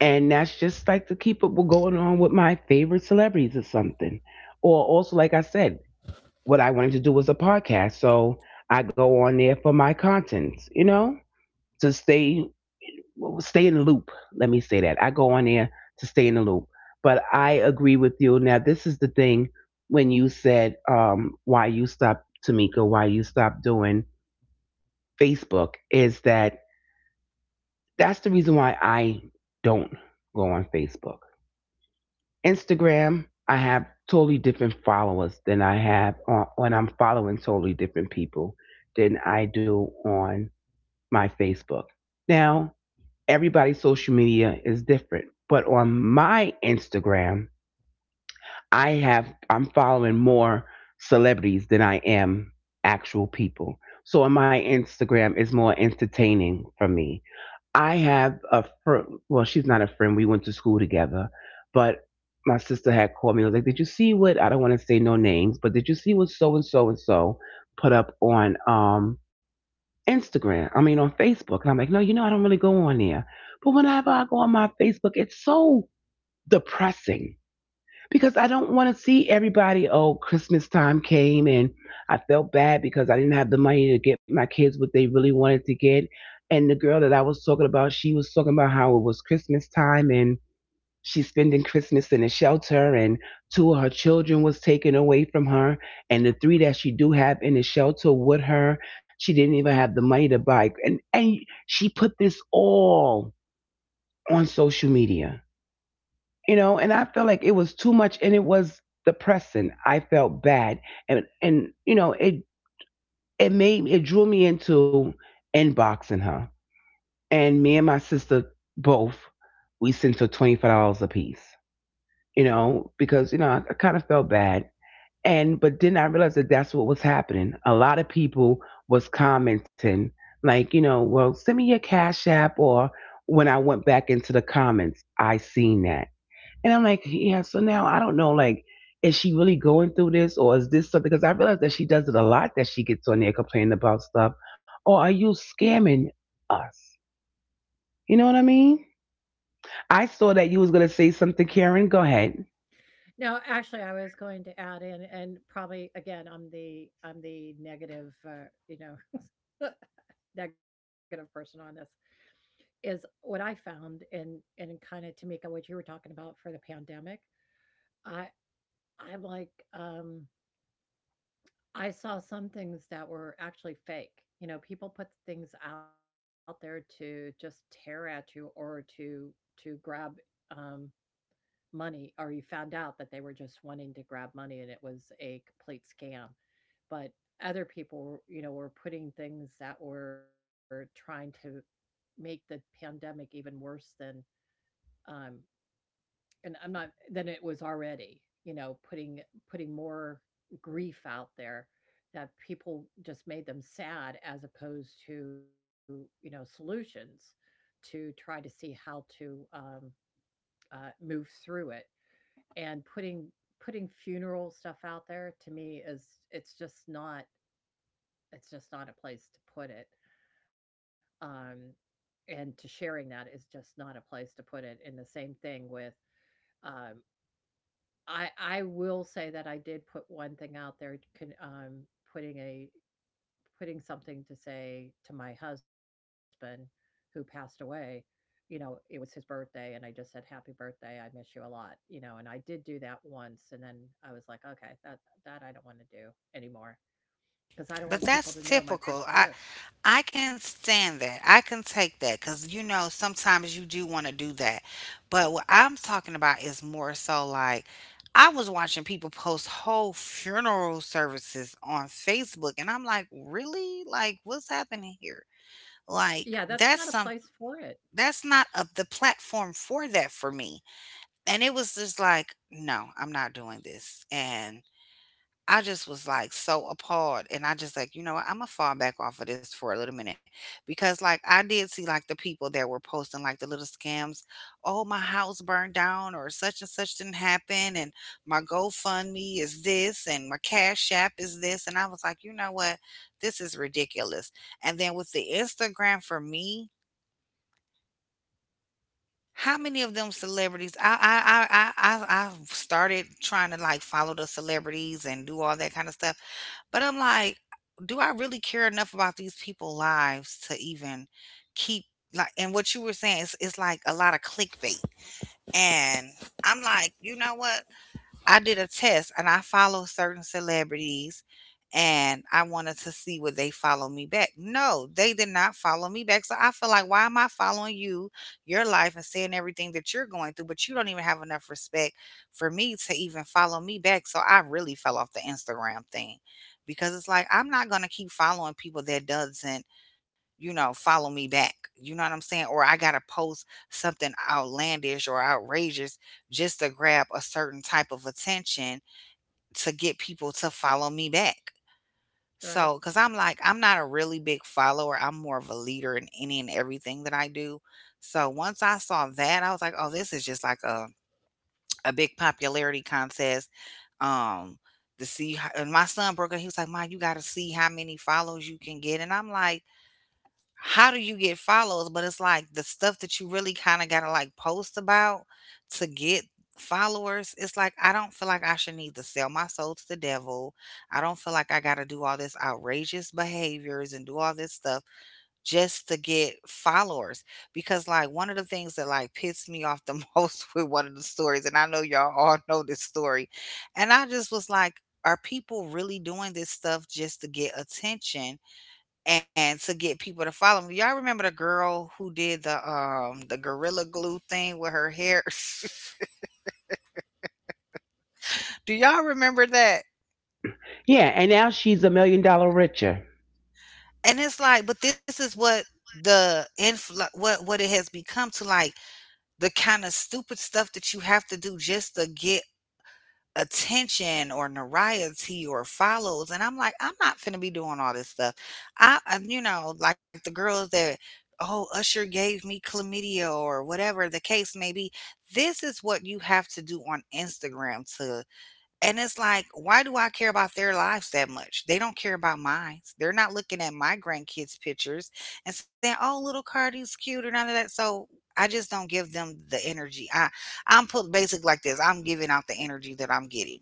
A: and that's just like to keep up with going on with my favorite celebrities or something. Or also, like I said, what I wanted to do was a podcast, so I go on there for my contents, you know, to stay, well, stay in the loop. Let me say that I go on there to stay in the loop. But I agree with you. Now, this is the thing, when you said why you stopped, Tamika, why you stopped doing Facebook, is that that's the reason why I don't go on Facebook. Instagram, I have totally different followers than I have on, when I'm following totally different people than I do on my Facebook. Now, everybody's social media is different, but on my Instagram, I'm following more celebrities than I am actual people. So on my Instagram it's more entertaining for me. I have a friend. Well, she's not a friend. We went to school together, but my sister had called me and was like, "Did you see what? I don't want to say no names, but did you see what so and so and so put up on Instagram? I mean, on Facebook?" And I'm like, "No, you know, I don't really go on there. But whenever I go on my Facebook, it's so depressing because I don't want to see everybody. Oh, Christmas time came and I felt bad because I didn't have the money to get my kids what they really wanted to get." And the girl that I was talking about, she was talking about how it was Christmas time and she's spending Christmas in a shelter, and two of her children was taken away from her, and the three that she do have in the shelter with her, she didn't even have the money to buy. And she put this all on social media. You know, and I felt like it was too much and it was depressing. I felt bad, and you know, it made it, drew me into inboxing her. And me and my sister both, we sent her $25 apiece, you know, because you know I kind of felt bad. And but then I realized that that's what was happening. A lot of people was commenting like, you know, well, send me your cash app. Or when I went back into the comments I seen that, and I'm like, yeah, so now I don't know, like, is she really going through this or is this something? Because I realize that she does it a lot, that she gets on there complaining about stuff. Or are you scamming us? You know what I mean? I saw that you was going to say something, Karen. Go ahead.
C: No, actually, I was going to add in, and probably again, I'm the negative, you know, negative person on this. Is what I found, and kind of, Tamika, what you were talking about for the pandemic. I I'm like, um, I saw some things that were actually fake. You know, people put things out there to just tear at you or to grab, um, money, or you found out that they were just wanting to grab money and it was a complete scam, but other people were, you know, were putting things that were trying to make the pandemic even worse than, um, and I'm not, then it was already, you know, putting more grief out there that people just made them sad as opposed to, you know, solutions to try to see how to move through it. And putting funeral stuff out there to me is, it's just not it's just not a place to put it. Um, and to sharing that is just not a place to put it. And the same thing with um, I will say that I did put one thing out there, con putting a putting something to say to my husband who passed away, you know, it was his birthday, and I just said, "Happy birthday, I miss you a lot," you know, and I did do that once, and then I was like, "Okay, that I don't wanna do anymore," because I don't want
B: But
C: people to
B: that's
C: know my personal
B: typical.
C: life.
B: I can stand that. I can take that because you know sometimes you do want to do that. But what I'm talking about is more so like I was watching people post whole funeral services on Facebook, and I'm like, really? Like, what's happening here?
C: Yeah, that's not
B: Like,
C: a place for it,
B: that's not up the platform for that for me. And it was just like, "No, I'm not doing this," and I just was, like, so appalled, and I just like, "You know what, Imma fall back off of this for a little minute," because, like, I did see, like, the people that were posting, like, the little scams, "Oh, my house burned down," or "Such and such didn't happen," and "My GoFundMe is this," and "My Cash App is this," and I was like, "You know what, this is ridiculous," and then with the Instagram for me. How many of them celebrities I I've started trying to, like, follow the celebrities and do all that kinda stuff, but I'm like, do I really care enough about these people's lives to even keep, like, and what you were saying, is, it's like a lot of clickbait, and I'm like, "You know what?" I did a test and I follow certain celebrities and I wanted to see would they follow me back. No, they did not follow me back. So I feel like why am I following you, your life and seeing everything that you're going through, but you don't even have enough respect for me to even follow me back. So I really fell off the Instagram thing because it's like I'm not going to keep following people that doesn't, you know, follow me back. You know what I'm saying? Or I gotta post something outlandish or outrageous just to grab a certain type of attention to get people to follow me back.
C: right?
B: So, because I'm like, I'm not a really big follower. I'm more of a leader in any and everything that I do. So once I saw that, I was like, oh, this is just like a big popularity contest. Um, to see, how, and my son broke it. He was like, Mom, you got to see how many follows you can get. And I'm like, how do you get follows? But it's like the stuff that you really kind of gotta like post about to get followers. It's like I don't feel like I should need to sell my soul to the devil. I don't feel like I gotta do all this outrageous behaviors and do all this stuff just to get followers. Because like one of the things that like pissed me off the most with one of the stories, and I know y'all all know this story, and I just was like, are people really doing this stuff just to get attention? And to get people to follow me. Y'all remember the girl who did the gorilla glue thing with her hair? Do y'all remember that?
A: Yeah, and now she's a million dollar richer.
B: And it's like, but this is what the infl what it has become to, like, the kind of stupid stuff that you have to do just to get attention or notoriety or follows, and I'm like, "I'm not finna be doing all this stuff." I and, you know, like the girls that, "Oh, Usher gave me chlamydia," or whatever the case may be. This is what you have to do on Instagram to, and it's like, why do I care about their lives that much? They don't care about mine. They're not looking at my grandkids' pictures and saying, "Oh, little Cardi's cute," or none of that. So, I just don't give them the energy. I, I'm put basic like this. I'm giving out the energy that I'm getting.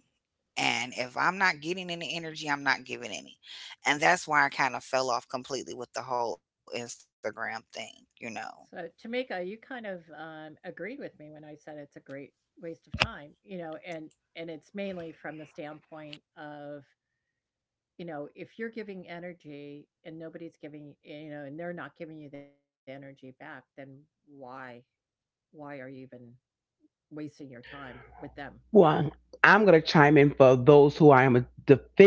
B: And if I'm not getting any energy, I'm not giving any. And that's why I kind of fell off completely with the whole Instagram thing, you know.
C: So, Tamika, you kind of agreed with me when I said it's a great waste of time, you know, and it's mainly from the standpoint of, you know, if you're giving energy and nobody's giving, you know, and they're not giving you the energy back, then why why are you even wasting your time with them?
A: Well, I'm going to chime in for those who I am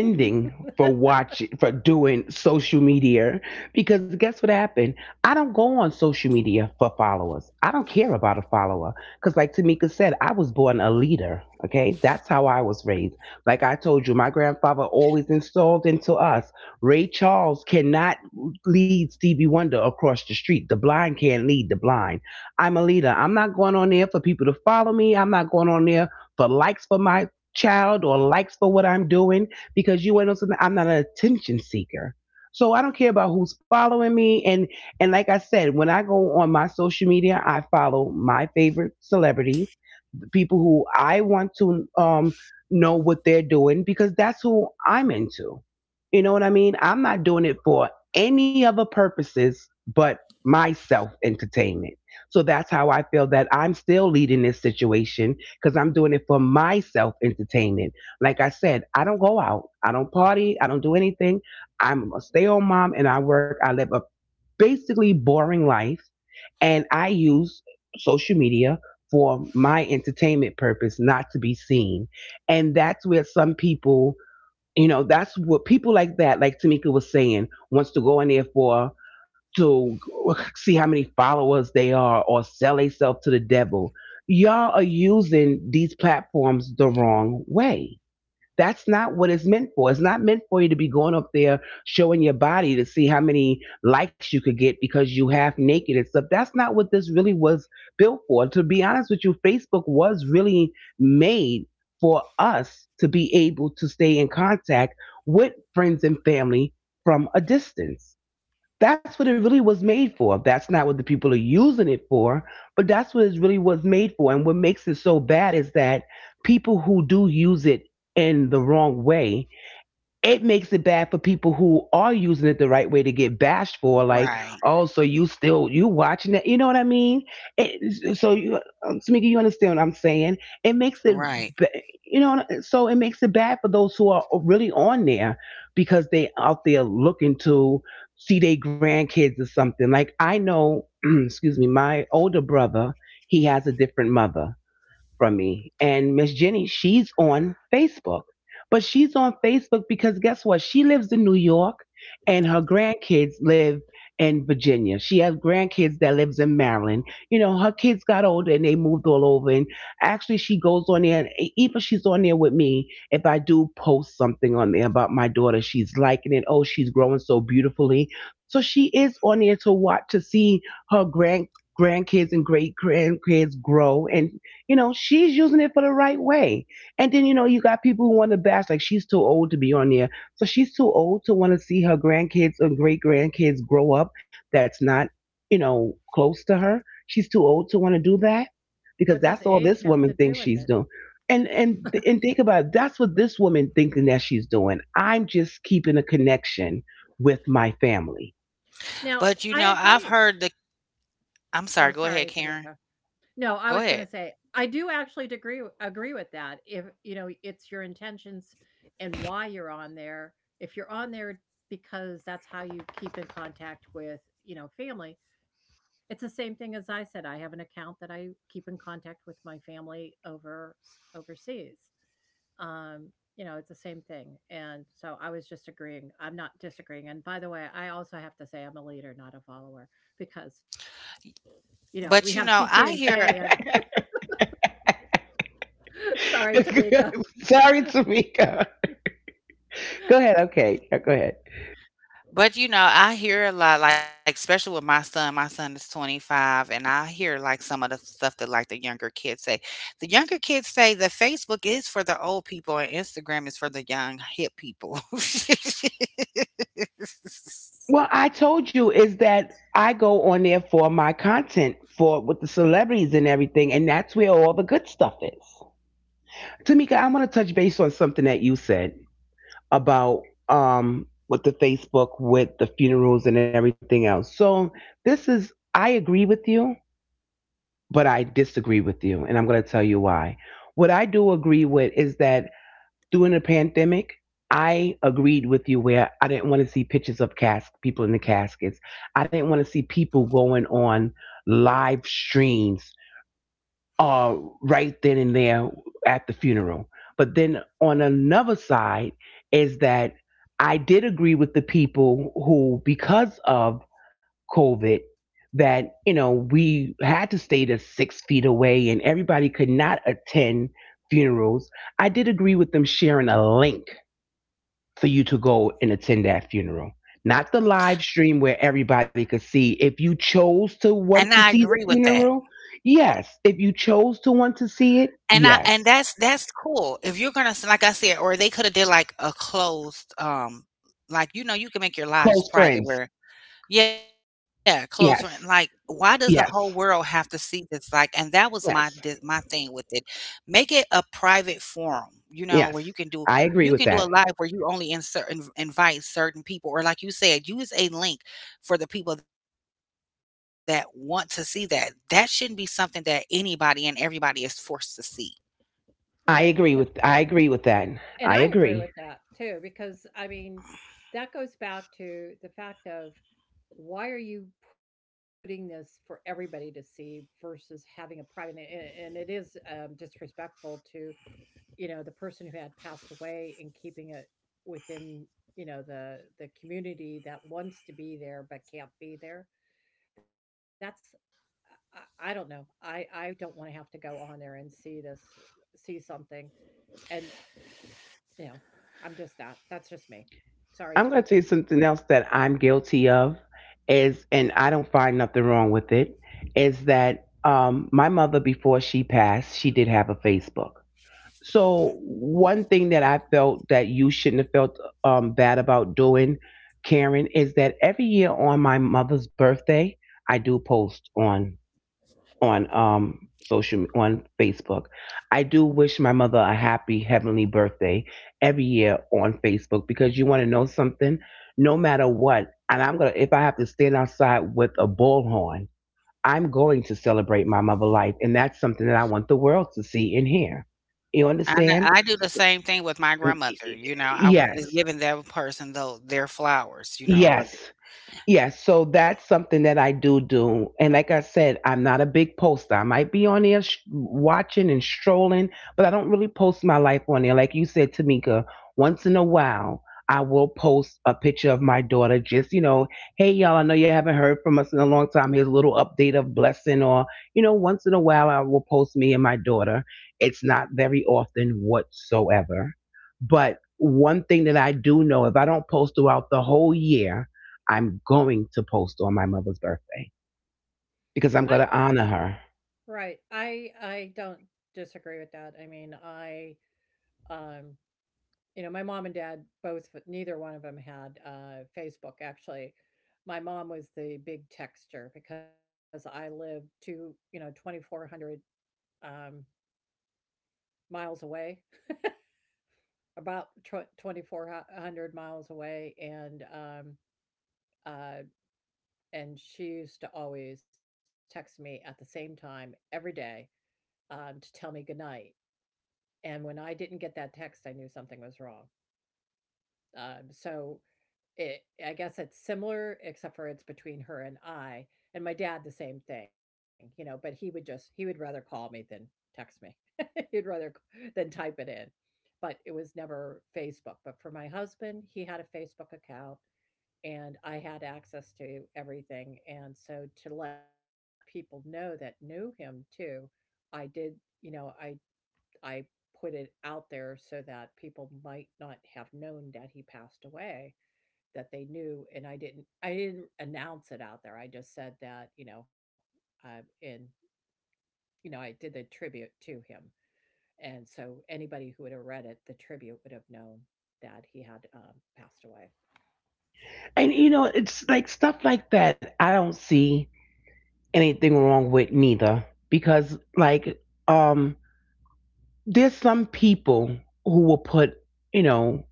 A: for watching, for doing social media, because guess what happened? I don't go on social media for followers. I don't care about a follower. Because, like Tamika said, I was born a leader. Okay. That's how I was raised. Like I told you, my grandfather always installed into us, Ray Charles cannot lead Stevie Wonder across the street. The blind can't lead the blind. I'm a leader. I'm not going on there for people to follow me. I'm not going on there for likes for my child or likes for what I'm doing, because you ain't something. I'm not an attention seeker. So I don't care about who's following me. And like I said, when I go on my social media, I follow my favorite celebrities, the people who I want to know what they're doing because that's who I'm into. You know what I mean? I'm not doing it for any other purposes but my self entertainment. So that's how I feel that I'm still leading this situation, because I'm doing it for my self entertainment. Like I said, I don't go out, I don't party, I don't do anything. I'm a stay at home mom and I work. I live a basically boring life, and I use social media for my entertainment purpose, not to be seen. And that's where some people, you know, that's what people like that, like Tamika was saying, wants to go in there for, to see how many followers they are or sell themselves to the devil. Y'all are using these platforms the wrong way. That's not what it's meant for. It's not meant for you to be going up there showing your body to see how many likes you could get because you half naked and stuff. That's not what this really was built for. To be honest with you, Facebook was really made for us to be able to stay in contact with friends and family from a distance. That's what it really was made for. That's not what the people are using it for, but that's what it really was made for. And what makes it so bad is that people who do use it in the wrong way, it makes it bad for people who are using it the right way to get bashed for, like,
B: Right,
A: oh, so you still, you watching that, you know what I mean? It, so you, Tamika, you understand what I'm saying? It makes it
B: right.
A: ba-, you know, so it makes it bad for those who are really on there, because they out there looking to see their grandkids or something. Like, I know excuse me, my older brother, he has a different mother from me. And Miss Jenny, she's on Facebook. But she's on Facebook because guess what? She lives in New York and her grandkids live in Virginia. She has grandkids that lives in Maryland. You know, her kids got older and they moved all over. And actually she goes on there and e- even she's on there with me. If I do post something on there about my daughter, she's liking it. Oh, she's growing so beautifully. So she is on there to watch to see her grandkids and great grandkids grow. And. You know, she's using it for the right way. And then, you know, you got people who want to bash, like, she's too old to be on there. So she's too old to want to see her grandkids and great grandkids grow up that's not, you know, close to her. She's too old to want to do that because
C: What does
A: that's all
C: age
A: this
C: have
A: woman
C: to do
A: thinks
C: with
A: she's
C: it?
A: doing. And and and think about it, that's what this woman thinking that she's doing. I'm just keeping a connection with my family.
C: Now,
B: But you
C: I
B: know, I've
C: agree.
B: heard the,
C: Oh,
B: I'm
C: sorry,
B: sorry, go ahead,
C: Tamika.
B: Karen.
C: No, I was
B: Go
C: gonna
B: ahead.
C: say, I do actually degree agree with that. If, you know, it's your intentions and why you're on there. If you're on there because that's how you keep in contact with, you know, family, it's the same thing as I said, I have an account that I keep in contact with my family over overseas. Um, you know, it's the same thing, and so I was just agreeing. I'm not disagreeing, and by the way, I also have to say I'm a leader, not a follower, because, you know, we have
B: But you know, I
C: TT&K.
B: hear
C: Sorry, Tamika.
A: Sorry, Tamika. Go ahead. Okay, yeah, go ahead.
B: but you know, I hear a lot, like especially with my son. My son is 25, and I hear like some of the stuff that like the younger kids say. The younger kids say that Facebook is for the old people and Instagram is for the young hip people.
A: Well, I told you is that I go on there for my content for with the celebrities and everything, and that's where all the good stuff is. Tamika, I want to touch base on something that you said about with the Facebook with the funerals and everything else. So this is, I agree with you, but I disagree with you, and I'm going to tell you why. What I do agree with is that during the pandemic, I agreed with you where I didn't want to see pictures of cask people in the caskets. I didn't want to see people going on live streams uh, right then and there at the funeral. But then on another side is that I did agree with the people who, because of COVID, that we had to stay to 6 feet away and everybody could not attend funerals. I did agree with them sharing a link for you to go and attend that funeral. Not the live stream where everybody could see. If you
B: And
A: chose
B: I
A: to
B: agree with
A: want to
B: that.
A: see the funeral, yes. If you chose to want to see it,
B: And
A: yes.
B: that's cool. If you're gonna s- like I said, or they could have did like a closed like you know, you can make your lives
A: Close
B: private
A: friends,
B: where, yeah, close friend, like,
A: yes,
B: why does the whole world have
A: yes,
B: to see this, like, and that was my
A: yes,
B: thing with it. Make it a private forum, you know, where you
A: yes.
B: can do,
A: I agree
B: you
A: with
B: can do a
A: that.
B: live where you only insert inv invite certain people, or like you said, use a link for the people that want to see that. That shouldn't be something that anybody and everybody is forced to see.
A: I
C: Right, because
A: agree with. I agree with that.
C: and
A: I
C: I agree
A: agree.
C: with that too, because I mean, that goes back to the fact of why are you putting this for everybody to see versus having a private, and it is disrespectful to, you know, the person who had passed away, and keeping it within, you know, the community that wants to be there but can't be there. That's I don't know, I don't want to have to go on there and see this see something. And, you know, I'm just that. That's just me. Sorry,
A: I'm going to tell
C: Tamika.
A: you something else that I'm guilty of is, and I don't find nothing wrong with it, is that my mother before she passed, she did have a Facebook. So one thing that I felt that you shouldn't have felt bad about doing, Karen, is that every year on my mother's birthday, I do post on on social, on Facebook. I do wish my mother a happy heavenly birthday every year on Facebook because you want to know something, no matter what, and I'm gonna, if I have to stand outside with a bullhorn, I'm going to celebrate my mother life, and that's something that I want the world to see and hear. You understand?
B: I do the same thing with
A: N-
B: my
A: y- y-
B: grandmother, you know, I
A: Yes.
B: was giving that person though their flowers, you know,
A: Yes.
B: rather.
A: Yeah, so that's something that I do do. And like I said, I'm not a big poster. I might be on there watching and strolling, but I don't really post my life on there. Like you said, Tamika, once in a while, I will post a picture of my daughter. Just, you know, hey, y'all, I know you haven't heard from us in a long time. Here's a little update of blessing. Or, you know, once in a while, I will post me and my daughter. It's not very often whatsoever. But one thing that I do know, if I don't post throughout the whole year, I'm going to post on my mother's birthday because I'm
C: I
A: going to honor her.
C: right. I don't disagree with that. I mean, I um you know, my mom and dad both, neither one of them had Facebook actually. My mom was the big texter because I lived to, you know, 2400 um miles away, about 2400 miles away, uh and she used to always text me at the same time every day, to tell me goodnight. And when I didn't get that text, I knew something was wrong. So it, I guess it's similar, except for it's between her and I. And my dad, the same thing, you know, but he would just, he would rather call me than text me. He'd rather than type it in. But it was never Facebook. But for my husband, he had a Facebook account and I had access to everything. And so to let people know that knew him too, I did, you know, I put it out there so that people might not have known that he passed away, that they knew, and I didn't announce it out there. I just said that, you know, and you know, I did the tribute to him, and so anybody who would have read it, the tribute would have known that he had passed away.
A: And you know, it's like stuff like that. I don't see anything wrong with neither, because like, um there's some people who will put, you know,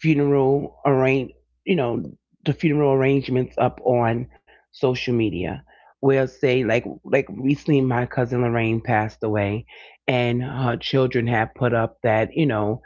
A: funeral arrange, you know, the funeral arrangements up on social media. Where, say, like recently my cousin Lorraine passed away, and her children have put up that, you know,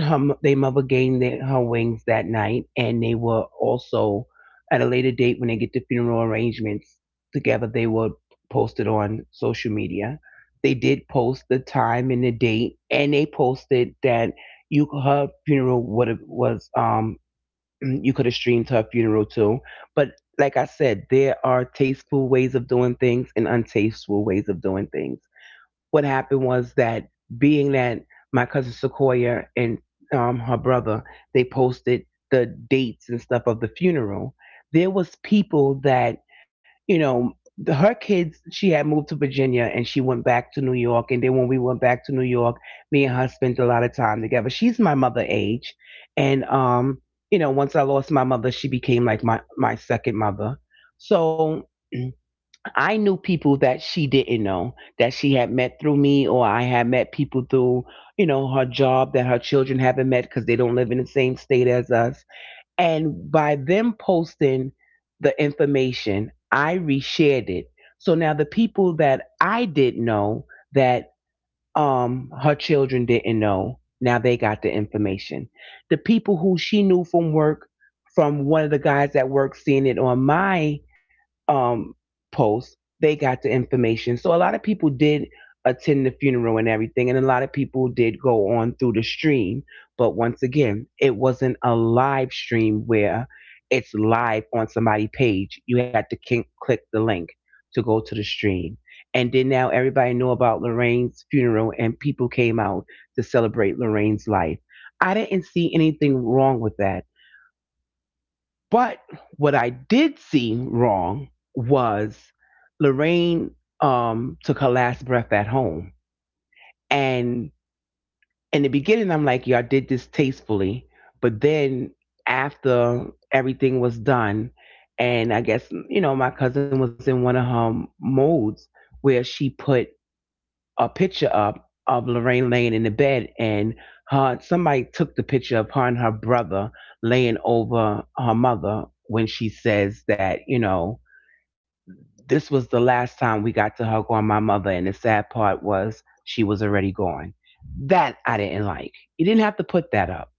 A: they mother gained their, her wings that night, and they were also at a later date, when they get the funeral arrangements together. They were posted on social media. They did post the time and the date, and they posted that you her funeral would have was you could have streamed her funeral too. But like I said, there are tasteful ways of doing things and untasteful ways of doing things. What happened was that, being that my cousin Sequoia and her brother, they posted the dates and stuff of the funeral. There was people that, you know, her kids. She had moved to Virginia and she went back to New York. And then when we went back to New York, me and her spent a lot of time together. She's my mother age. And, you know, once I lost my mother, she became like my second mother. So I knew people that she didn't know that she had met through me, or I had met people through, you know, her job, that her children haven't met because they don't live in the same state as us. And by them posting the information, I reshared it. So now the people that I did know that her children didn't know, now they got the information. The people who she knew from work, from one of the guys at work seeing it on my um post, they got the information. So a lot of people did attend the funeral and everything, and a lot of people did go on through the stream, but once again it wasn't a live stream where it's live on somebody's page. You had to click the link to go to the stream. And then now everybody know about Lorraine's funeral and people came out to celebrate Lorraine's life. I didn't see anything wrong with that. But what I did see wrong was Lorraine took her last breath at home. And in the beginning, I'm like, "Y'all did this tastefully." But then after everything was done, and I guess, you know, my cousin was in one of her modes, where she put a picture up of Lorraine laying in the bed, and her somebody took the picture of her and her brother laying over her mother, when she says that, you know, this was the last time we got to hug on my mother, and the sad part was she was already gone. That I didn't like. You didn't have to put that up,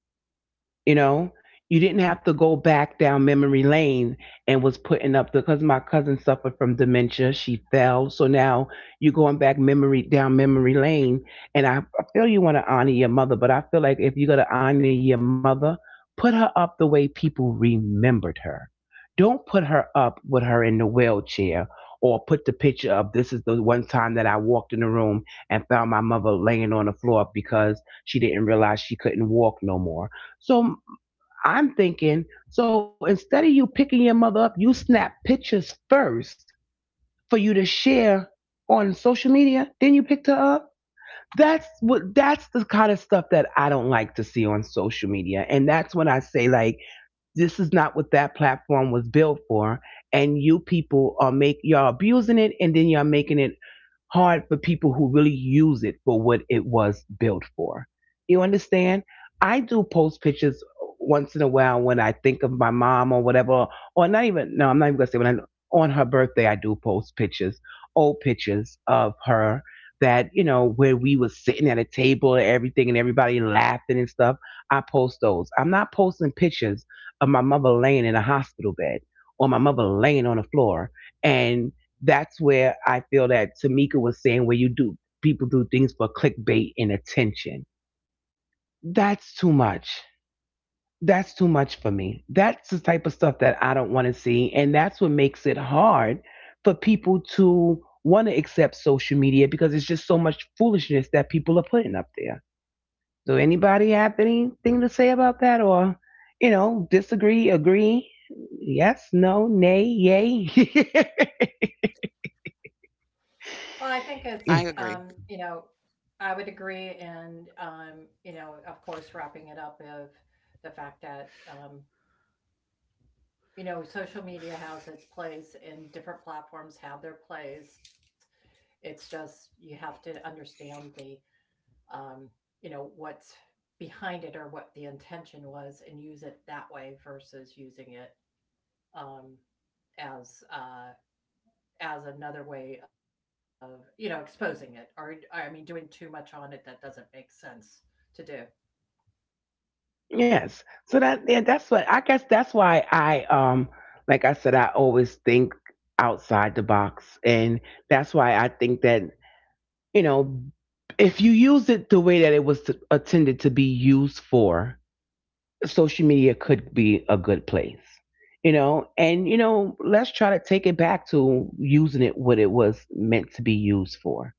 A: you know, you didn't have to go back down memory lane and was putting up the, because my cousin suffered from dementia. She fell, so now you're going back memory lane. And I feel you want to honor your mother, but I feel like if you're gonna honor your mother, put her up the way people remembered her. Don't put her up with her in the wheelchair, or put the picture of this is the one time that I walked in the room and found my mother laying on the floor because she didn't realize she couldn't walk no more. So I'm thinking, so instead of you picking your mother up, you snap pictures first for you to share on social media, then you picked her up. That's what, that's the kind of stuff that I don't like to see on social media. And that's when I say, like, this is not what that platform was built for, and you people are make y'all abusing it, and then y'all making it hard for people who really use it for what it was built for. You understand? I do post pictures once in a while when I think of my mom or whatever, or not even, no, I'm not even going to say when I, on her birthday, I do post pictures, old pictures of her that, you know, where we was sitting at a table and everything and everybody laughing and stuff. I post those. I'm not posting pictures of my mother laying in a hospital bed or my mother laying on the floor. And that's where I feel that Tamika was saying, where you do, people do things for clickbait and attention. That's too much. That's too much for me. That's the type of stuff that I don't want to see. And that's what makes it hard for people to want to accept social media, because it's just so much foolishness that people are putting up there. So anybody have anything to say about that or, you know, disagree, agree? Yes, no, nay, yay.
C: Well, I think
B: I
C: it's,
A: Yeah.
B: agree.
C: you know, I would agree. And, you know, of course, wrapping it up of the fact that you know, social media has its place and different platforms have their place. It's just you have to understand the, um, you know, what's behind it or what the intention was, and use it that way versus using it um, as uh, as another way of, you know, exposing it, or I mean doing too much on it that doesn't make sense to do.
A: Yes. So that's what I guess that's why I, like I said, I always think outside the box, and that's why I think that, you know, if you use it the way that it was intended to be used for, social media could be a good place, you know. And you know, let's try to take it back to using it what it was meant to be used for.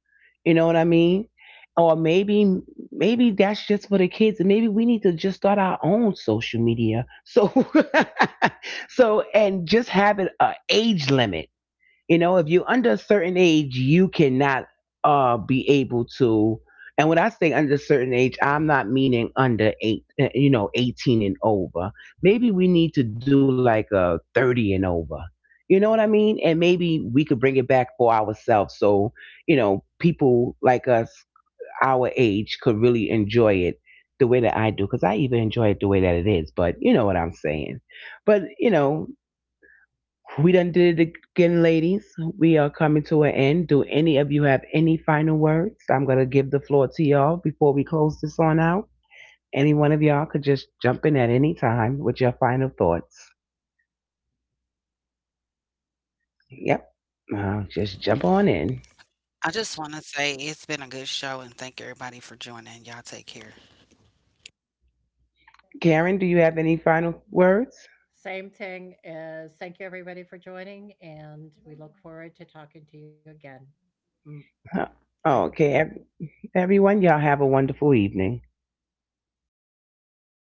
A: You know what I mean? Or maybe that's just for the kids, and maybe we need to just start our own social media. So so, and just have it a age limit, you know, if you're under a certain age, you cannot be able to. And when I say under a certain age, I'm not meaning under eight, you know, 18 and over. Maybe we need to do like a 30 and over. You know what I mean? And maybe we could bring it back for ourselves. So, you know, people like us, our age, could really enjoy it the way that I do. Because I even enjoy it the way that it is. But you know what I'm saying. But, you know, we done did it again, ladies. We are coming to an end. Do any of you have any final words? I'm going to give the floor to y'all before we close this on out. Any one of y'all could just jump in at any time with your final thoughts. Yep. Just jump
B: I
A: on
B: just
A: in.
B: wanna say it's been a good show, and thank everybody for joining. Y'all take care.
A: Karen, do you have any final words?
C: Same thing as thank you everybody for joining, and we look forward to talking to you again mm,
A: Huh.
C: later.
A: Okay. Everyone, y'all have a wonderful evening.